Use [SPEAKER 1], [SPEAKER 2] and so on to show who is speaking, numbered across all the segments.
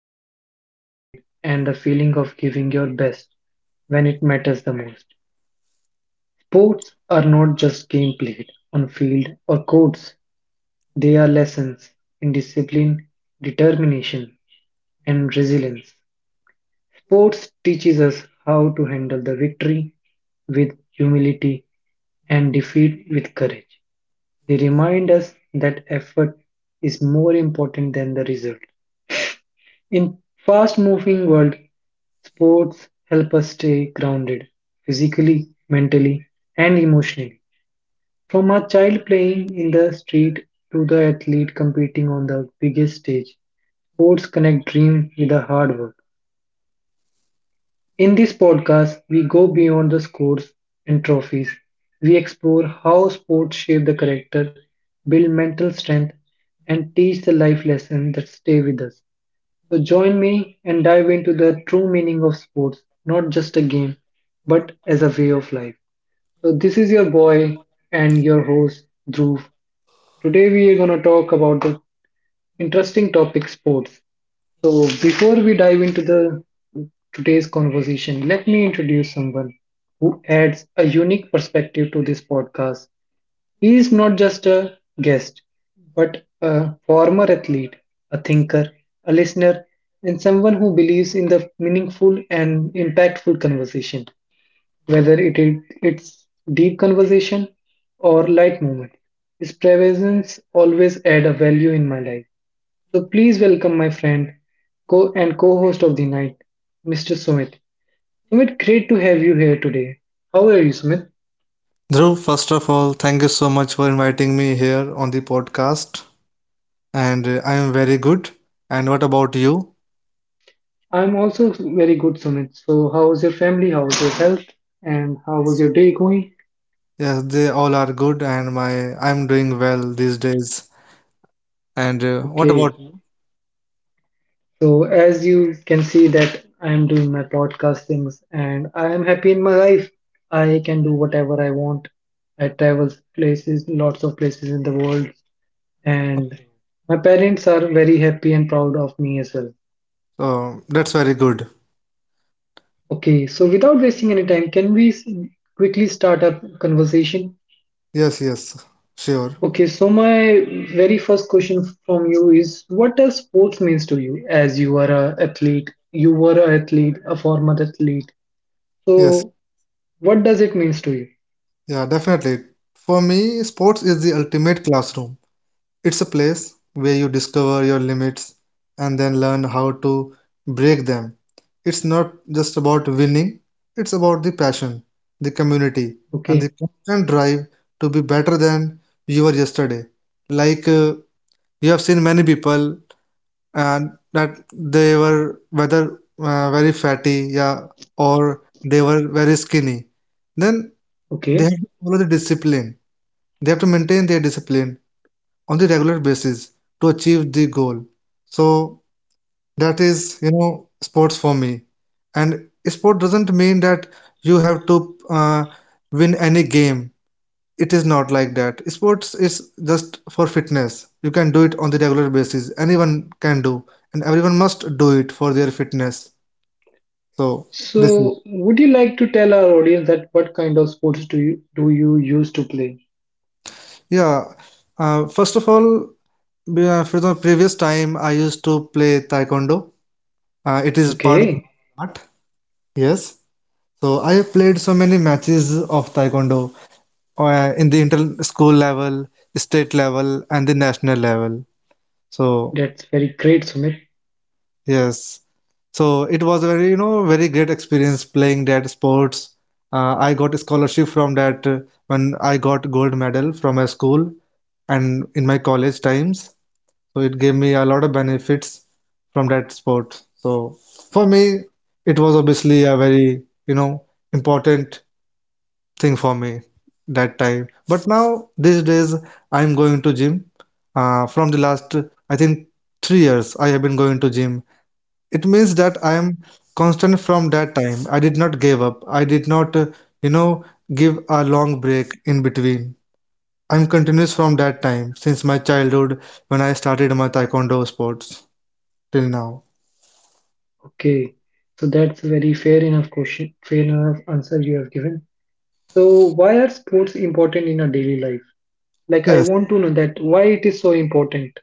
[SPEAKER 1] before a big moment, and the feeling of giving your best when it matters the most. Sports are not just game played on field or courts, they are lessons in discipline, determination, and resilience. Sports teaches us how to handle the victory with humility and defeat with courage. They remind us that effort is more important than the result. In fast-moving world, sports help us stay grounded physically, mentally, and emotionally. From a child playing in the street to the athlete competing on the biggest stage, sports connect dream with the hard work. In this podcast, we go beyond the scores and trophies. We explore how sports shape the character, build mental strength, and teach the life lessons that stay with us. So join me and dive into the true meaning of sports, not just a game, but as a way of life. So this is your boy and your host Dhruv. Today we are going to talk about the interesting topic sports. So before we dive into the today's conversation, let me introduce someone who adds a unique perspective to this podcast. He is not just a guest, but a former athlete, a thinker, a listener, and someone who believes in the meaningful and impactful conversation, whether it's deep conversation or light moment. His presence always add a value in my life. So please welcome my friend, co and co-host of the night, Mr. Sumit. Sumit, great to have you here today. How are you, Sumit?
[SPEAKER 2] Dhruv, first of all, thank you so much for inviting me here on the podcast. And I am very good. And what about you?
[SPEAKER 1] I'm also very good, Sumit. So, how was your family? How was your health? And how was your day going?
[SPEAKER 2] Yes, they all are good, and my I'm doing well these days. And what
[SPEAKER 1] Okay.
[SPEAKER 2] about you?
[SPEAKER 1] So, as you can see that I am doing my podcast things and I am happy in my life. I can do whatever I want. I travel places, lots of places in the world, and my parents are very happy and proud of me as well.
[SPEAKER 2] That's very good.
[SPEAKER 1] Okay, so without wasting any time, quickly start our conversation?
[SPEAKER 2] Yes, yes, sure.
[SPEAKER 1] Okay, so my very first question from you is what does sports means to you as you are a athlete? You were a athlete, a former athlete.
[SPEAKER 2] Yes.
[SPEAKER 1] So what does it means to you?
[SPEAKER 2] Yeah, definitely. For me, sports is the ultimate classroom. It's a place where you discover your limits and then learn how to break them. It's not just about winning, it's about the passion, the community, and the
[SPEAKER 1] Okay.
[SPEAKER 2] constant drive to be better than you were yesterday. Like uh, you have seen many people and that they were whether very fatty, yeah, or they were very skinny. Then they
[SPEAKER 1] Okay.
[SPEAKER 2] have to follow the discipline, they have to maintain their discipline on the regular basis to achieve the goal. So that is, you know, sports for me. And sport doesn't mean that you have to win any game. It is not like that. Sports is just for fitness. You can do it on the regular basis. Anyone can do, and everyone must do it for their fitness. So this is
[SPEAKER 1] So would you like to tell our audience that what kind of sports do you used to play?
[SPEAKER 2] yeah. First of all, for the previous time, I used to play taekwondo. It is part of
[SPEAKER 1] Okay.
[SPEAKER 2] martial art. Yes. So I have played so many matches of taekwondo in the inter school level, state level, and the national level. So
[SPEAKER 1] That's very great, Sumit.
[SPEAKER 2] yes. So it was a very, you know, very great experience playing that sports. I got a scholarship from that, when I got gold medal from my school and in my college times. So it gave me a lot of benefits from that sport. So for me, it was obviously a very, you know, important thing for me that time. But now these days I'm going to gym. From the last, I think 3 years I have been going to gym. It means that I am constant from that time. I did not give up. I did not, you know, give a long break in between. I'm continuous from that time since my childhood when I started my taekwondo sports till now.
[SPEAKER 1] Okay. So that's a very fair enough question, fair enough answer you have given. So why are sports important in our daily life? Like I
[SPEAKER 2] Yes,
[SPEAKER 1] want to know that why it is so important.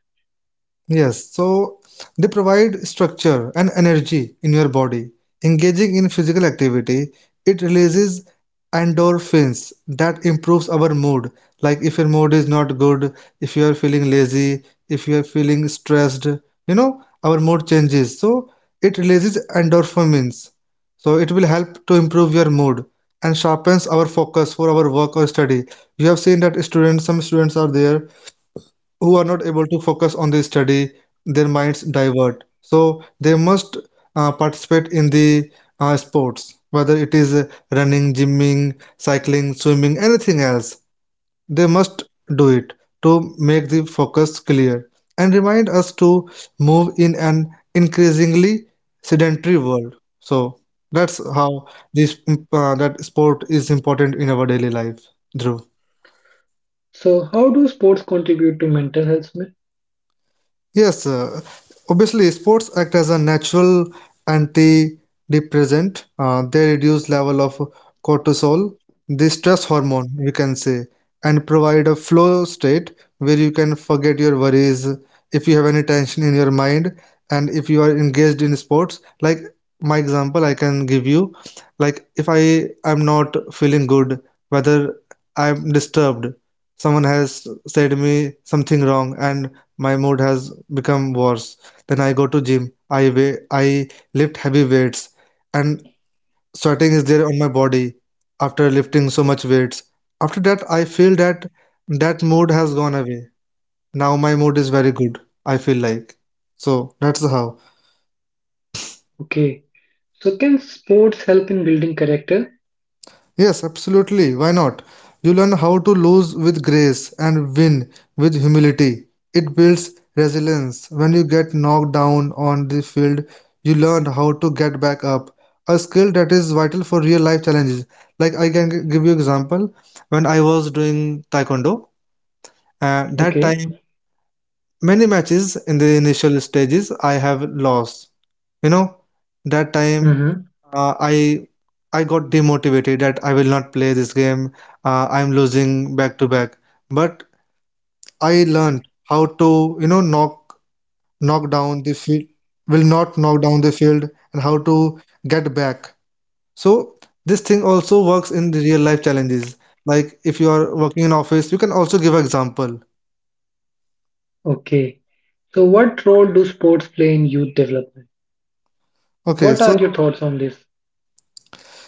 [SPEAKER 2] yes. So they provide structure and energy in your body. Engaging in physical activity, it releases endorphins that improves our mood. Like if your mood is not good, if you are feeling lazy, if you are feeling stressed, you know, our mood changes. So it releases endorphins. So it will help to improve your mood and sharpens our focus for our work or study. You have seen that students, some students are there who are not able to focus on the study, their minds divert. So they must participate in the sports, whether it is running, gymming, cycling, swimming, anything else. They must do it to make the focus clear and remind us to move in an increasingly sedentary world. So that's how this that sport is important in our daily life, Dhruv.
[SPEAKER 1] So how do sports contribute to mental health? Smith?
[SPEAKER 2] Yes, obviously, sports act as a natural antidepressant. They reduce level of cortisol, the stress hormone, you can say, and provide a flow state where you can forget your worries if you have any tension in your mind and if you are engaged in sports. Like my example, I can give you, like if I am not feeling good, whether I'm disturbed, someone has said me something wrong and my mood has become worse. Then I go to gym. I lift heavy weights, and sweating is there on my body after lifting so much weights. After that, I feel that that mood has gone away. Now my mood is very good. I feel like so. That's how.
[SPEAKER 1] Okay. So can sports help in building character?
[SPEAKER 2] Yes, absolutely. Why not? You learn how to lose with grace and win with humility. It builds resilience. When you get knocked down on the field, you learn how to get back up. A skill that is vital for real life challenges. Like I can give you example. When I was doing taekwondo, that
[SPEAKER 1] Okay.
[SPEAKER 2] time many matches in the initial stages I have lost, you know, that time,
[SPEAKER 1] Mm-hmm.
[SPEAKER 2] uh, i I got demotivated that I will not play this game. I'm losing back to back, but I learned how to, you know, knock down the field, will not knock down the field, and how to get back. So this thing also works in the real life challenges, like if you are working in office, you can also give example.
[SPEAKER 1] Okay. So what role do sports play in youth development?
[SPEAKER 2] Okay,
[SPEAKER 1] What
[SPEAKER 2] so
[SPEAKER 1] are your thoughts on this?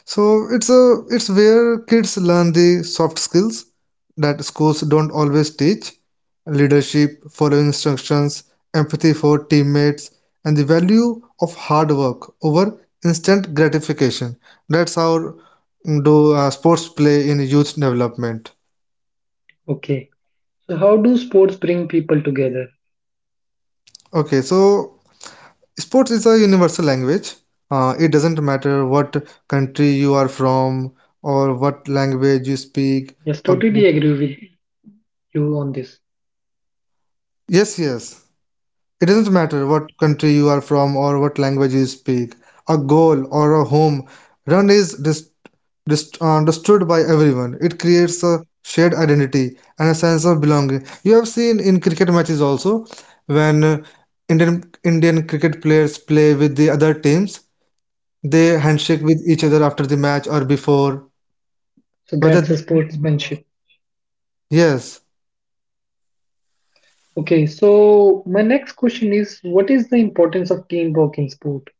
[SPEAKER 2] so it's a it's where kids learn the soft skills that schools don't always teach, leadership, following instructions, empathy for teammates, and the value of hard work over instant gratification. That's how do sports play in youth development.
[SPEAKER 1] Okay. So how do sports bring people together?
[SPEAKER 2] Okay, so sports is a universal language. It doesn't matter what country you are from or what language you speak.
[SPEAKER 1] Yes,
[SPEAKER 2] or-
[SPEAKER 1] totally agree with you on this.
[SPEAKER 2] Yes, yes. It doesn't matter what country you are from or what language you speak, a goal or a home run is understood by everyone. It creates a shared identity and a sense of belonging. You have seen in cricket matches also when Indian cricket players play with the other teams, they handshake with each other after the match or before.
[SPEAKER 1] So
[SPEAKER 2] Whether
[SPEAKER 1] that's a sportsmanship.
[SPEAKER 2] yes,
[SPEAKER 1] Okay, so my next question is what is the importance of teamwork in sport?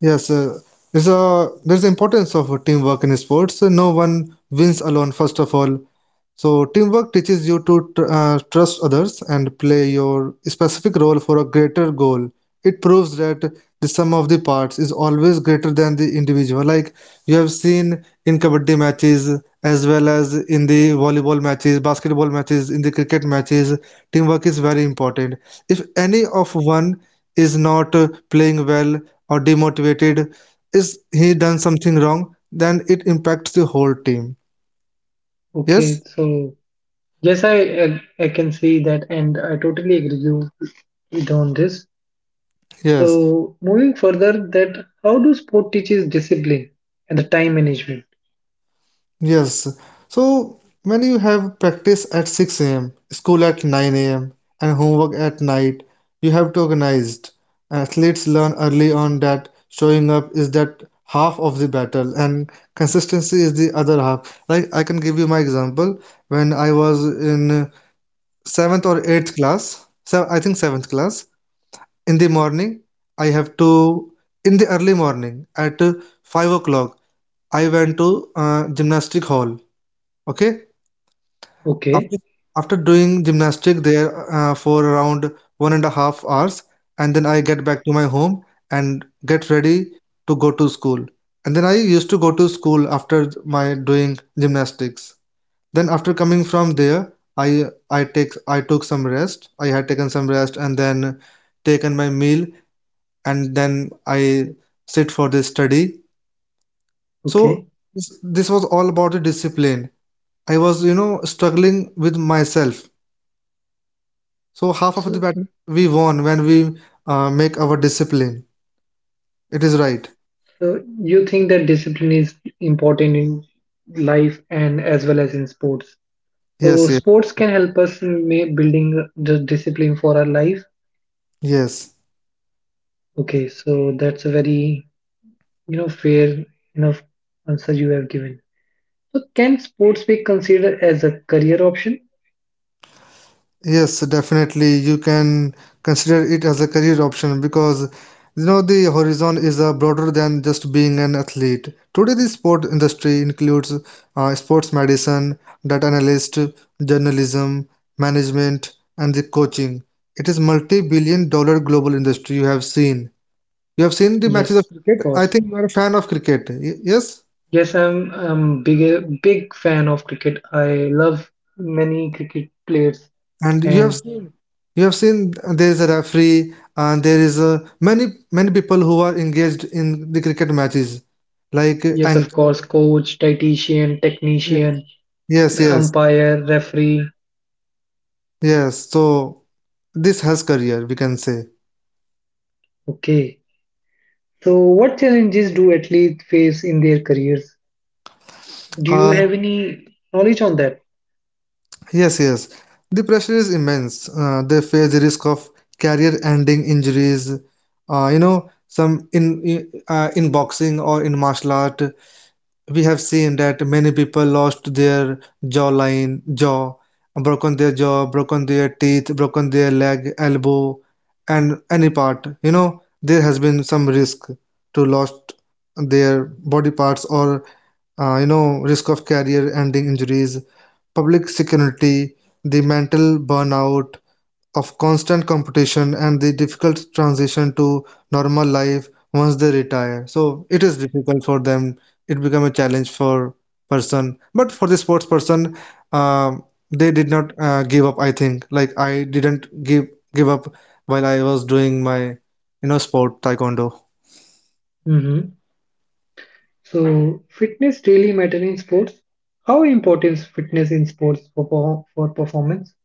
[SPEAKER 2] yes, there's a there's the importance of teamwork in sports. No one wins alone. First of all, so teamwork teaches you to trust others and play your specific role for a greater goal. It proves that the sum of the parts is always greater than the individual. Like you have seen in kabaddi matches, as well as in the volleyball matches, basketball matches, in the cricket matches, teamwork is very important. If any of one is not playing well or demotivated, is he done something wrong, then it impacts the whole team.
[SPEAKER 1] Okay,
[SPEAKER 2] Yes?
[SPEAKER 1] so Yes, I can see that, and I totally agree you with on this.
[SPEAKER 2] Yes.
[SPEAKER 1] So moving further, that how do sport teaches discipline and the time management?
[SPEAKER 2] Yes. So when you have practice at 6 a.m., school at 9 a.m., and homework at night, you have to organized. Athletes learn early on that showing up is that half of the battle and consistency is the other half. Like I can give you my example. When I was in seventh or eighth class, so I think seventh class, in the morning, I have to, in the early morning at 5 o'clock. I went to gymnastic hall. Okay, after
[SPEAKER 1] Okay,
[SPEAKER 2] after doing gymnastic there for around 1.5 hours, and then I get back to my home and get ready to go to school. And then I used to go to school after my doing gymnastics. Then after coming from there, I took some rest. I had taken some rest and then taken my meal, and then I sit for the study. So
[SPEAKER 1] okay.
[SPEAKER 2] this was all about the discipline. I was, you know, struggling with myself. So half of the
[SPEAKER 1] So
[SPEAKER 2] battle we won when we make our discipline. It is right.
[SPEAKER 1] so you think that discipline is important in life and as well as in sports. So
[SPEAKER 2] Yes, yes,
[SPEAKER 1] sports can help us in building the discipline for our life.
[SPEAKER 2] yes,
[SPEAKER 1] Okay, so that's a very you know fair enough answer you have given. So, can sports be considered as a career option?
[SPEAKER 2] yes. Definitely, you can consider it as a career option because you know the horizon is broader than just being an athlete. Today, the sport industry includes sports medicine, data analyst, journalism, management, and the coaching. It is multi-billion dollar global industry you have seen. You have seen the matches
[SPEAKER 1] Yes,
[SPEAKER 2] of
[SPEAKER 1] of
[SPEAKER 2] cricket. I
[SPEAKER 1] course.
[SPEAKER 2] think you are a fan of cricket. Yes?
[SPEAKER 1] Yes, I'm big fan of cricket. I love many cricket players,
[SPEAKER 2] And
[SPEAKER 1] and
[SPEAKER 2] you have seen there is a referee and there is a, many people who are engaged in the cricket matches, like
[SPEAKER 1] yes, of course,
[SPEAKER 2] anchor.
[SPEAKER 1] coach, dietitian, technician,
[SPEAKER 2] Yes, yes,
[SPEAKER 1] umpire, referee.
[SPEAKER 2] yes. So this has career, we can say.
[SPEAKER 1] Okay. So, what challenges do athletes face in their careers? Do you
[SPEAKER 2] Uh,
[SPEAKER 1] have any knowledge on that?
[SPEAKER 2] yes, yes. The pressure is immense. They face the risk of career-ending injuries. You know, some i- in boxing or in martial art, we have seen that many people lost their jaw, broken their jaw, broken their teeth, broken their leg, elbow, and any part. You know, there has been some risk to lost their body parts or, you know, risk of career ending injuries, public security, the mental burnout, of constant competition and the difficult transition to normal life once they retire, so it is difficult for them, it become a challenge for person, but for the sports person, um, they did not give up. I think like I didn't give up while I was doing my, you know, sport taekwondo.
[SPEAKER 1] Mm-hmm. So, fitness really matter in sports? How important is fitness in sports for performance?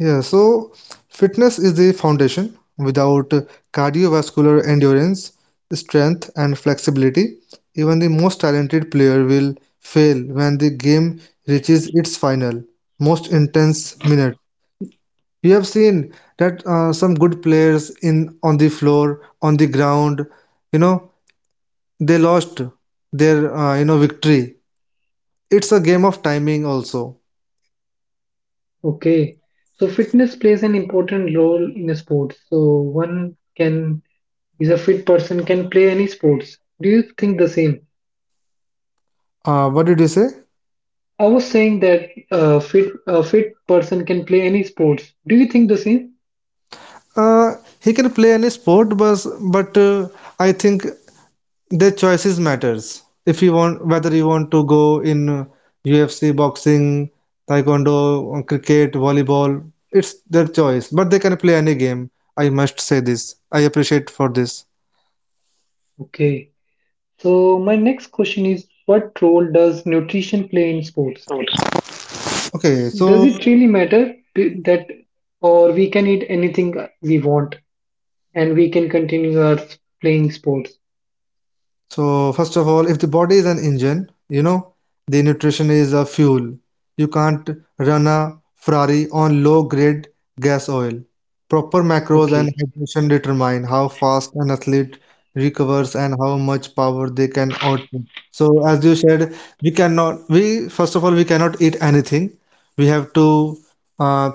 [SPEAKER 2] Yeah, so fitness is the foundation. Without cardiovascular endurance, strength, and flexibility, even the most talented player will fail when the game reaches its final, most intense minute. You have seen that some good players in on the floor, on the ground, you know, they lost their, you know, victory. It's a game of timing also.
[SPEAKER 1] Okay, so fitness plays an important role in a sport. So one can is a fit person can play any sports. Do you think the same?
[SPEAKER 2] What did you say?
[SPEAKER 1] I was saying that a fit person can play any sports. Do you think the same?
[SPEAKER 2] He can play any sport, but I think their choices matters. If you want, whether you want to go in UFC, boxing, taekwondo, cricket, volleyball, it's their choice. But they can play any game. I must say this. I appreciate for this.
[SPEAKER 1] Okay. So my next question is, what role does nutrition play in sports?
[SPEAKER 2] Okay,
[SPEAKER 1] Does
[SPEAKER 2] so
[SPEAKER 1] it really matter that, or we can eat anything we want and we can continue our playing sports?
[SPEAKER 2] so, first of all, if the body is an engine, you know, the nutrition is a fuel. You can't run a Ferrari on low-grade gas oil. Proper macros and
[SPEAKER 1] Okay.
[SPEAKER 2] hydration determine how fast an athlete recovers and how much power they can output. So, as you said, we cannot, we, first of all, we cannot eat anything. We have to uh,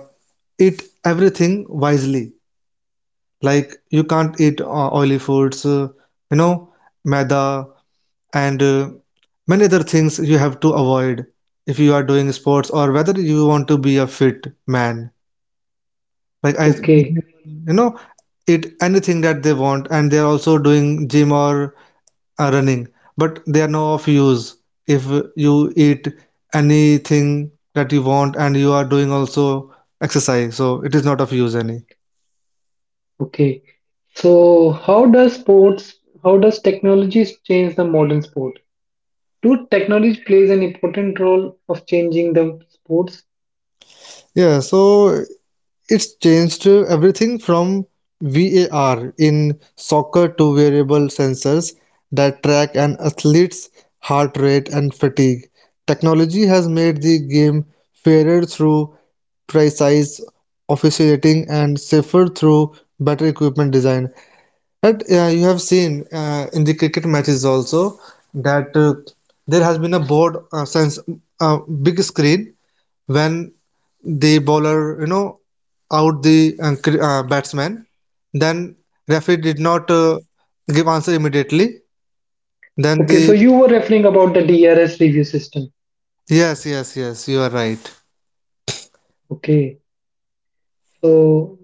[SPEAKER 2] eat everything wisely. Like, you can't eat oily foods, you know, maida and many other things you have to avoid if you are doing sports or whether you want to be a fit man like I,
[SPEAKER 1] Okay.
[SPEAKER 2] you know, eat anything that they want and they are also doing gym or running, but they are no of use if you eat anything that you want and you are doing also exercise, so it is not of use any.
[SPEAKER 1] Okay. So how does sports, how does technologies change the modern sport? Do technology plays an important role of changing the sports?
[SPEAKER 2] Yeah, so it's changed everything from VAR in soccer to wearable sensors that track an athlete's heart rate and fatigue. Technology has made the game fairer through precise officiating and safer through better equipment design. But you have seen in the cricket matches also that there has been a board since a big screen, when the bowler, you know, out the batsman, then referee did not give answer immediately, then
[SPEAKER 1] Okay, so
[SPEAKER 2] the,
[SPEAKER 1] you were referring about the DRS review system.
[SPEAKER 2] yes, yes, yes, you are right.
[SPEAKER 1] Okay. So,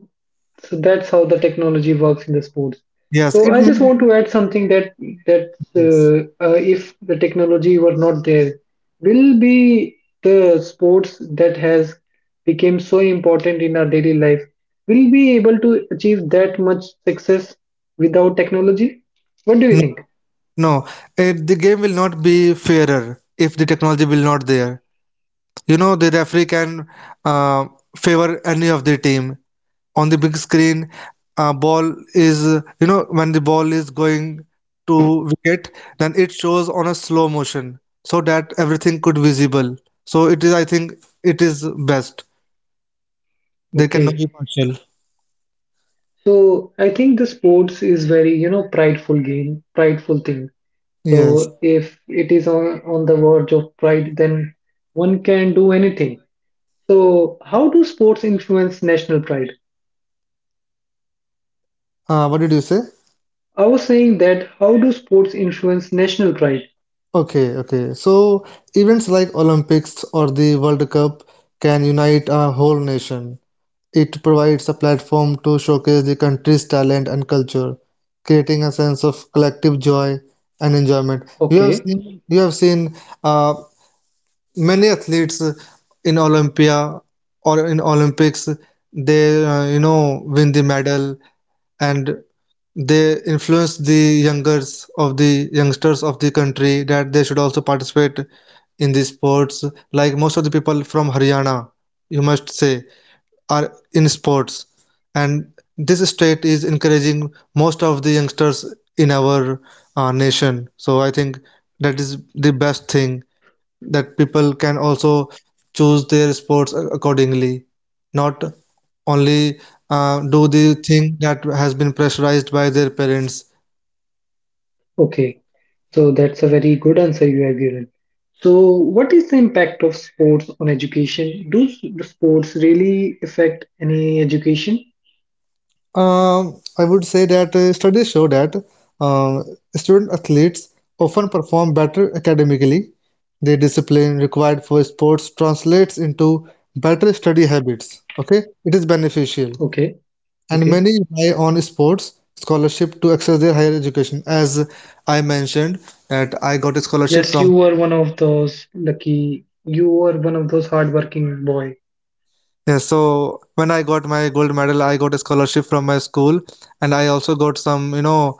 [SPEAKER 1] so that's how the technology works in the sports.
[SPEAKER 2] Yes,
[SPEAKER 1] So
[SPEAKER 2] it
[SPEAKER 1] I
[SPEAKER 2] may.
[SPEAKER 1] just want to add something that if the technology were not there, will be the sports that has become so important in our daily life. Will be able to achieve that much success without technology? What do you
[SPEAKER 2] No,
[SPEAKER 1] think?
[SPEAKER 2] no, it, the game will not be fairer if the technology will not there. You know the referee can uh, favor any of the team. On the big screen, ball is, you know, when the ball is going to wicket, then it shows on a slow motion, so that everything could visible. So it is, I think it is best, they cannot
[SPEAKER 1] Okay,
[SPEAKER 2] be partial.
[SPEAKER 1] so I think the sports is very you know prideful game, prideful thing.
[SPEAKER 2] Yes.
[SPEAKER 1] So if it is on the verge of pride, then one can do anything. So how do sports influence national pride?
[SPEAKER 2] What did you say?
[SPEAKER 1] I was saying that how do sports influence national pride?
[SPEAKER 2] Okay, okay, so events like Olympics or the World Cup can unite a whole nation. It provides a platform to showcase the country's talent and culture, creating a sense of collective joy and enjoyment.
[SPEAKER 1] Okay,
[SPEAKER 2] You have seen uh, many athletes in Olympia or in Olympics. They, you know, win the medal and they influence the youngers of the youngsters of the country that they should also participate in the sports. Like most of the people from Haryana, you must say, are in sports, and this state is encouraging most of the youngsters in our nation. So I think that is the best thing, that people can also choose their sports accordingly, not only do the thing that has been pressurized by their parents.
[SPEAKER 1] okay. So that's a very good answer you have given. So what is the impact of sports on education? The sports really affect any education?
[SPEAKER 2] I would say that studies show that um, student athletes often perform better academically. The discipline required for sports translates into better study habits. Okay, it is beneficial,
[SPEAKER 1] Okay,
[SPEAKER 2] and
[SPEAKER 1] okay.
[SPEAKER 2] many rely on sports scholarship to access their higher education. As I mentioned, that I got a scholarship
[SPEAKER 1] Yes,
[SPEAKER 2] from.
[SPEAKER 1] you were one of those lucky, you were one of those hardworking boy.
[SPEAKER 2] Yeah, so when I got my gold medal, I got a scholarship from my school, and I also got some, you know,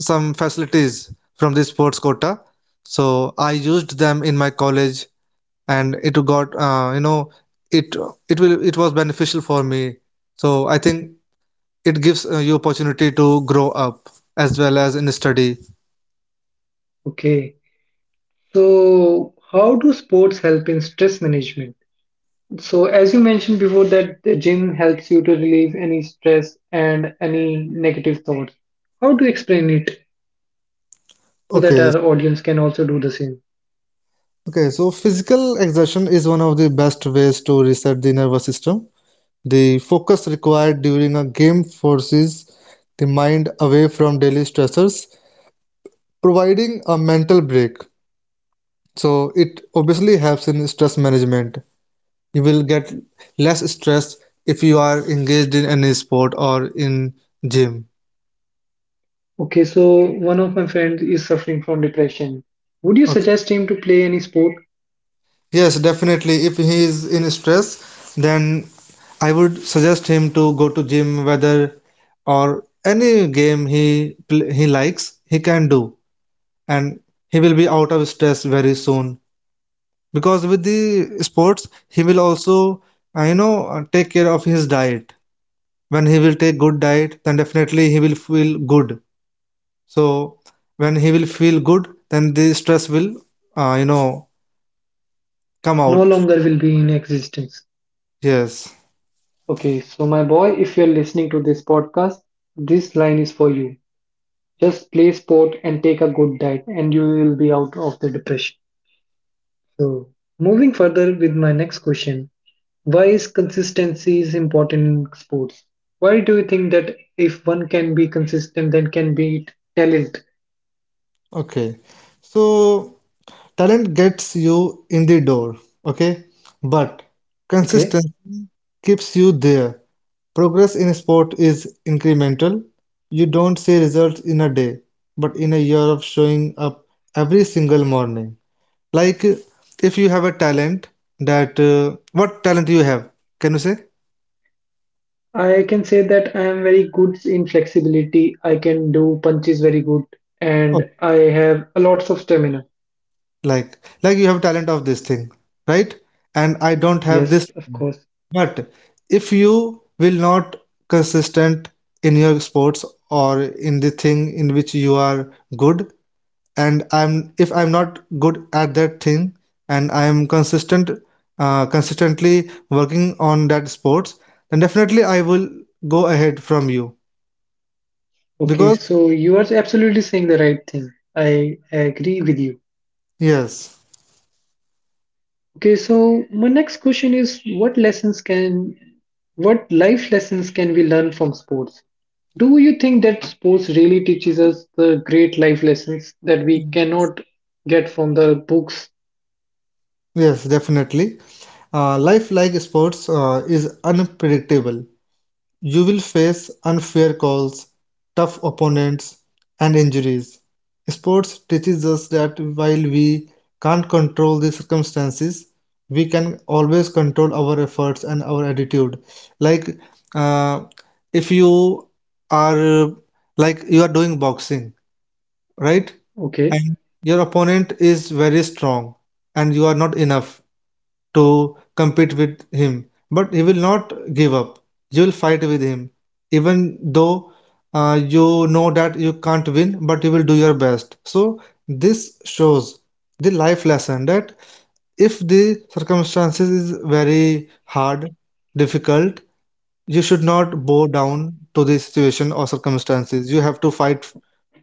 [SPEAKER 2] some facilities from this sports quota. So I used them in my college, and it got, you know, it it was beneficial for me. So I think it gives you opportunity to grow up as well as in study.
[SPEAKER 1] Okay. So, how do sports help in stress management? So, as you mentioned before, that the gym helps you to relieve any stress and any negative thoughts. How do you explain it so that
[SPEAKER 2] Okay,
[SPEAKER 1] our audience can also do the same?
[SPEAKER 2] okay. So physical exertion is one of the best ways to reset the nervous system. The focus required during a game forces the mind away from daily stressors, providing a mental break. So it obviously helps in stress management. You will get less stress if you are engaged in any sport or in gym.
[SPEAKER 1] Okay, so one of my friends is suffering from depression. Would you
[SPEAKER 2] Okay.
[SPEAKER 1] suggest him to play any sport?
[SPEAKER 2] Yes, definitely. If he is in stress, then I would suggest him to go to gym, whether or any game he he likes, he can do, and he will be out of stress very soon. Because with the sports, he will also, take care of his diet. When he will take good diet, then definitely he will feel good. So when he will feel good, then the stress will, uh, you know come
[SPEAKER 1] No
[SPEAKER 2] out.
[SPEAKER 1] longer will be in existence.
[SPEAKER 2] Yes.
[SPEAKER 1] Okay, so my boy, if you're listening to this podcast, this line is for you. Just play sport and take a good diet, and you will be out of the depression. So, moving further with my next question, why is consistency is important in sports? Why do you think that if one can be consistent, then can be talent?
[SPEAKER 2] Okay, so talent gets you in the door. Okay, but
[SPEAKER 1] Okay,
[SPEAKER 2] consistency keeps you there. Progress in sport is incremental. You don't see results in a day, but in a year of showing up every single morning. Like, if you have a talent, that what talent you have? Can you say?
[SPEAKER 1] I can say that I am very good in flexibility. I can do punches very good,
[SPEAKER 2] Oh,
[SPEAKER 1] and I have a lots of stamina.
[SPEAKER 2] like you have talent of this thing, right? And I don't have
[SPEAKER 1] Yes,
[SPEAKER 2] this
[SPEAKER 1] of
[SPEAKER 2] talent.
[SPEAKER 1] course.
[SPEAKER 2] But if you will not consistent in your sports or in the thing in which you are good, and I'm if I'm not good at that thing, and I'm consistent, consistently working on that sports, then definitely I will go ahead from you
[SPEAKER 1] Okay,
[SPEAKER 2] because,
[SPEAKER 1] so you are absolutely saying the right thing. I agree with you.
[SPEAKER 2] yes,
[SPEAKER 1] Okay, so my next question is what life lessons can we learn from sports? Do you think that sports really teaches us the great life lessons that we cannot get from the books?
[SPEAKER 2] yes, definitely. Life like sports is unpredictable. You will face unfair calls, tough opponents, and injuries. Sports teaches us that while we can't control the circumstances, we can always control our efforts and our attitude. Like, uh, if you are like you are doing boxing, right?
[SPEAKER 1] Okay,
[SPEAKER 2] And your opponent is very strong, and you are not enough to compete with him. But he will not give up. You will fight with him, even though you know that you can't win, but you will do your best. So this shows the life lesson that if the circumstances is very hard, difficult, you should not bow down to the situation or circumstances. You have to fight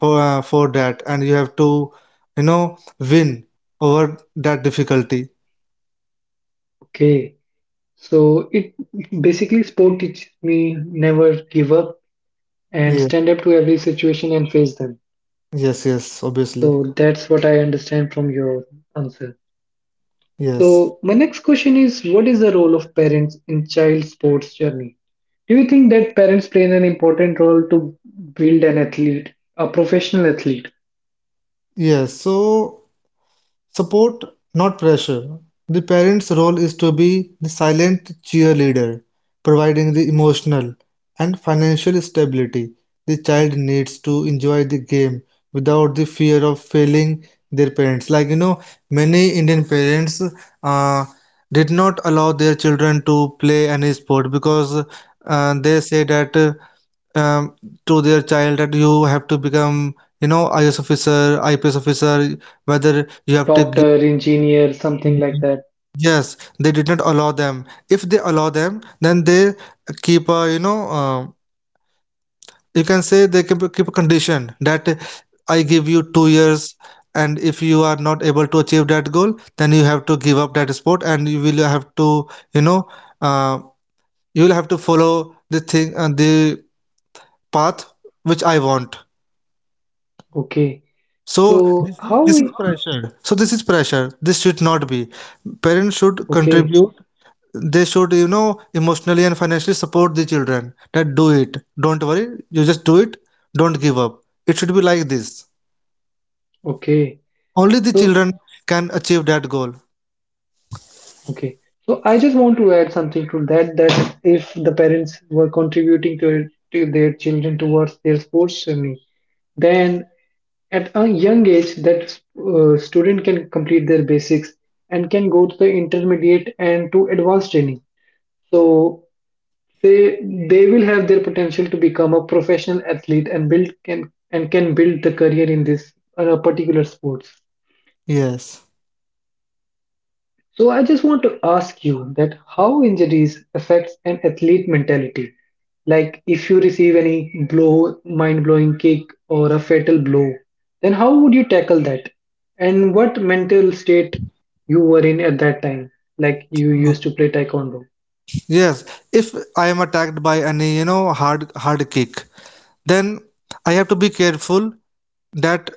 [SPEAKER 2] for that, and you have to, you know, win over that difficulty.
[SPEAKER 1] okay. So it basically sport teaches me never give up and
[SPEAKER 2] Yeah.
[SPEAKER 1] stand up to every situation and face them.
[SPEAKER 2] Yes. Yes. Obviously.
[SPEAKER 1] So that's what I understand from your answer.
[SPEAKER 2] Yes.
[SPEAKER 1] So my next question is, what is the role of parents in child sports journey? Do you think that parents play an important role to build an athlete, a professional athlete,
[SPEAKER 2] Yes. So support, not pressure, the parent's role is to be the silent cheerleader, providing the emotional and financial stability the child needs to enjoy the game without the fear of failing their parents. Like, you know, many Indian parents uh, did not allow their children to play any sport, because they say that um, to their child that you have to become, you know, IS officer, IPS officer, whether you have to.
[SPEAKER 1] doctor, engineer, something like that?
[SPEAKER 2] Yes, they did not allow them. If they allow them, then they keep a, you know, you can say they keep a condition that I give you 2 years, and if you are not able to achieve that goal, then you have to give up that sport, and you will have to, you know, uh, you will have to follow the thing and the path which I want.
[SPEAKER 1] Okay.
[SPEAKER 2] So
[SPEAKER 1] So how
[SPEAKER 2] this is
[SPEAKER 1] we
[SPEAKER 2] pressure. So this is pressure. This should not be. Parents should
[SPEAKER 1] okay,
[SPEAKER 2] contribute, they should, you know, emotionally and financially support the children that do it, don't worry, you just do it, don't give up. It should be like this.
[SPEAKER 1] okay.
[SPEAKER 2] Only the
[SPEAKER 1] So
[SPEAKER 2] children can achieve that goal.
[SPEAKER 1] okay. So I just want to add something to that if the parents were contributing to their children towards their sports journey, then at a young age that student can complete their basics and can go to the intermediate and to advanced training so they they will have their potential to become a professional athlete and build can and can build the career in this particular sports.
[SPEAKER 2] Yes,
[SPEAKER 1] So I just want to ask you that how injuries affects an athlete mentality. Like if you receive any blow, mind-blowing kick or a fatal blow, then how would you tackle that? And what mental state you were in at that time? Like you used to play taekwondo.
[SPEAKER 2] yes. If I am attacked by any, you know, hard kick, then I have to be careful that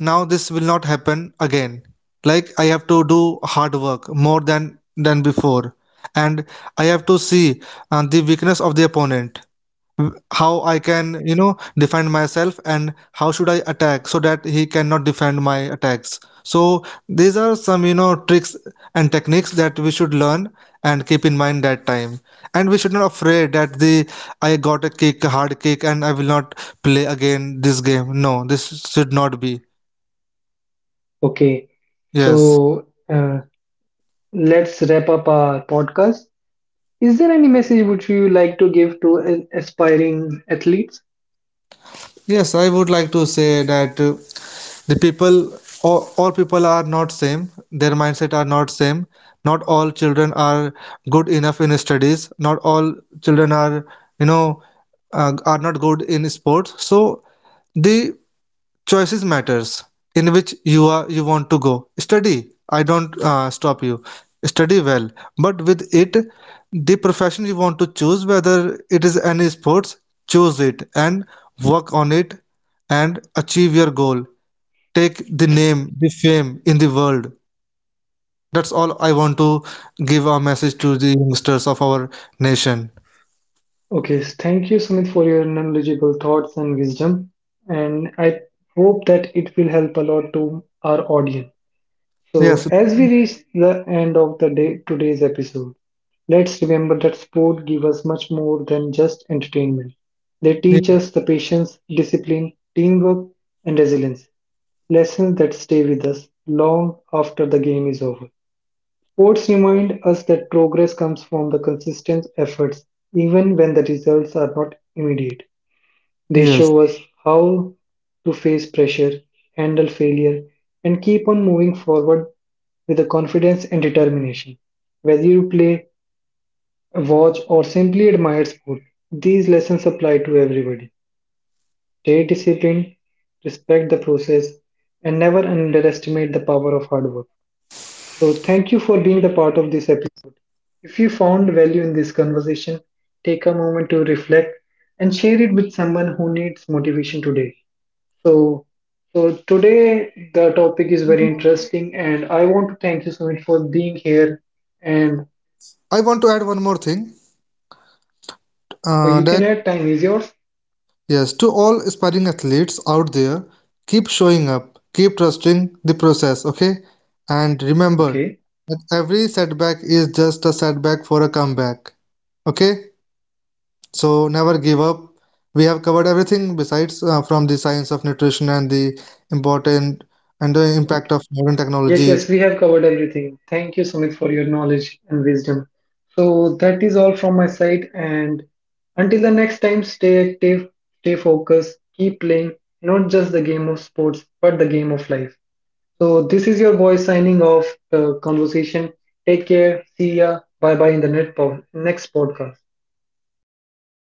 [SPEAKER 2] now this will not happen again. Like, I have to do hard work more than before, and I have to see the weakness of the opponent, how I can, you know, defend myself, and how should I attack so that he cannot defend my attacks. So these are some, you know, tricks and techniques that we should learn and keep in mind that time. And we should not afraid that the, I got a kick, a hard kick, and I will not play again this game. No, this should not be.
[SPEAKER 1] Okay.
[SPEAKER 2] Yes.
[SPEAKER 1] So uh, let's wrap up our podcast. Is there any message which you like to give to aspiring athletes?
[SPEAKER 2] Yes, I would like to say that, the people, all people are not same, their mindset are not same. Not all children are good enough in studies, not all children are, you know, are not good in sports. So the choices matters, in which you are you want to go study. I don't stop you, study well, but with it, the profession you want to choose, whether it is any sports, choose it and work on it and achieve your goal, take the name, the fame in the world. That's all I want to give a message to the youngsters of our nation.
[SPEAKER 1] Okay, thank you, Sumit, for your knowledgeable thoughts and wisdom. And I hope that it will help a lot to our audience. So,
[SPEAKER 2] Yes,
[SPEAKER 1] as we reach the end of today's episode, let's remember that sport give us much more than just entertainment. They teach
[SPEAKER 2] ye-
[SPEAKER 1] us the patience, discipline, teamwork, and resilience, lessons that stay with us long after the game is over. Sports remind us that progress comes from the consistent efforts, even when the results are not immediate. They
[SPEAKER 2] yes.
[SPEAKER 1] show us how to face pressure, handle failure, and keep on moving forward with the confidence and determination. Whether you play, watch, or simply admire sport, these lessons apply to everybody. Stay disciplined, respect the process, and never underestimate the power of hard work. So, thank you for being the part of this episode. If you found value in this conversation, take a moment to reflect and share it with someone who needs motivation today. So, so today the topic is very interesting, and I want to thank you, Sumit, for being here. And
[SPEAKER 2] I want to add one more thing.
[SPEAKER 1] so you
[SPEAKER 2] That
[SPEAKER 1] can add time is yours.
[SPEAKER 2] yes, to all aspiring athletes out there, keep showing up, keep trusting the process. Okay, and remember
[SPEAKER 1] Okay.
[SPEAKER 2] that every setback is just a setback for a comeback. Okay. So never give up. We have covered everything, besides from the science of nutrition and the important and the impact of modern
[SPEAKER 1] Yes,
[SPEAKER 2] technology.
[SPEAKER 1] yes, we have covered everything. Thank you, Sumit, for your knowledge and wisdom. So that is all from my side. And until the next time, stay active, stay focused, keep playing not just the game of sports, but the game of life. So this is your boy signing off the conversation. Take care. See ya. Bye bye in the next podcast.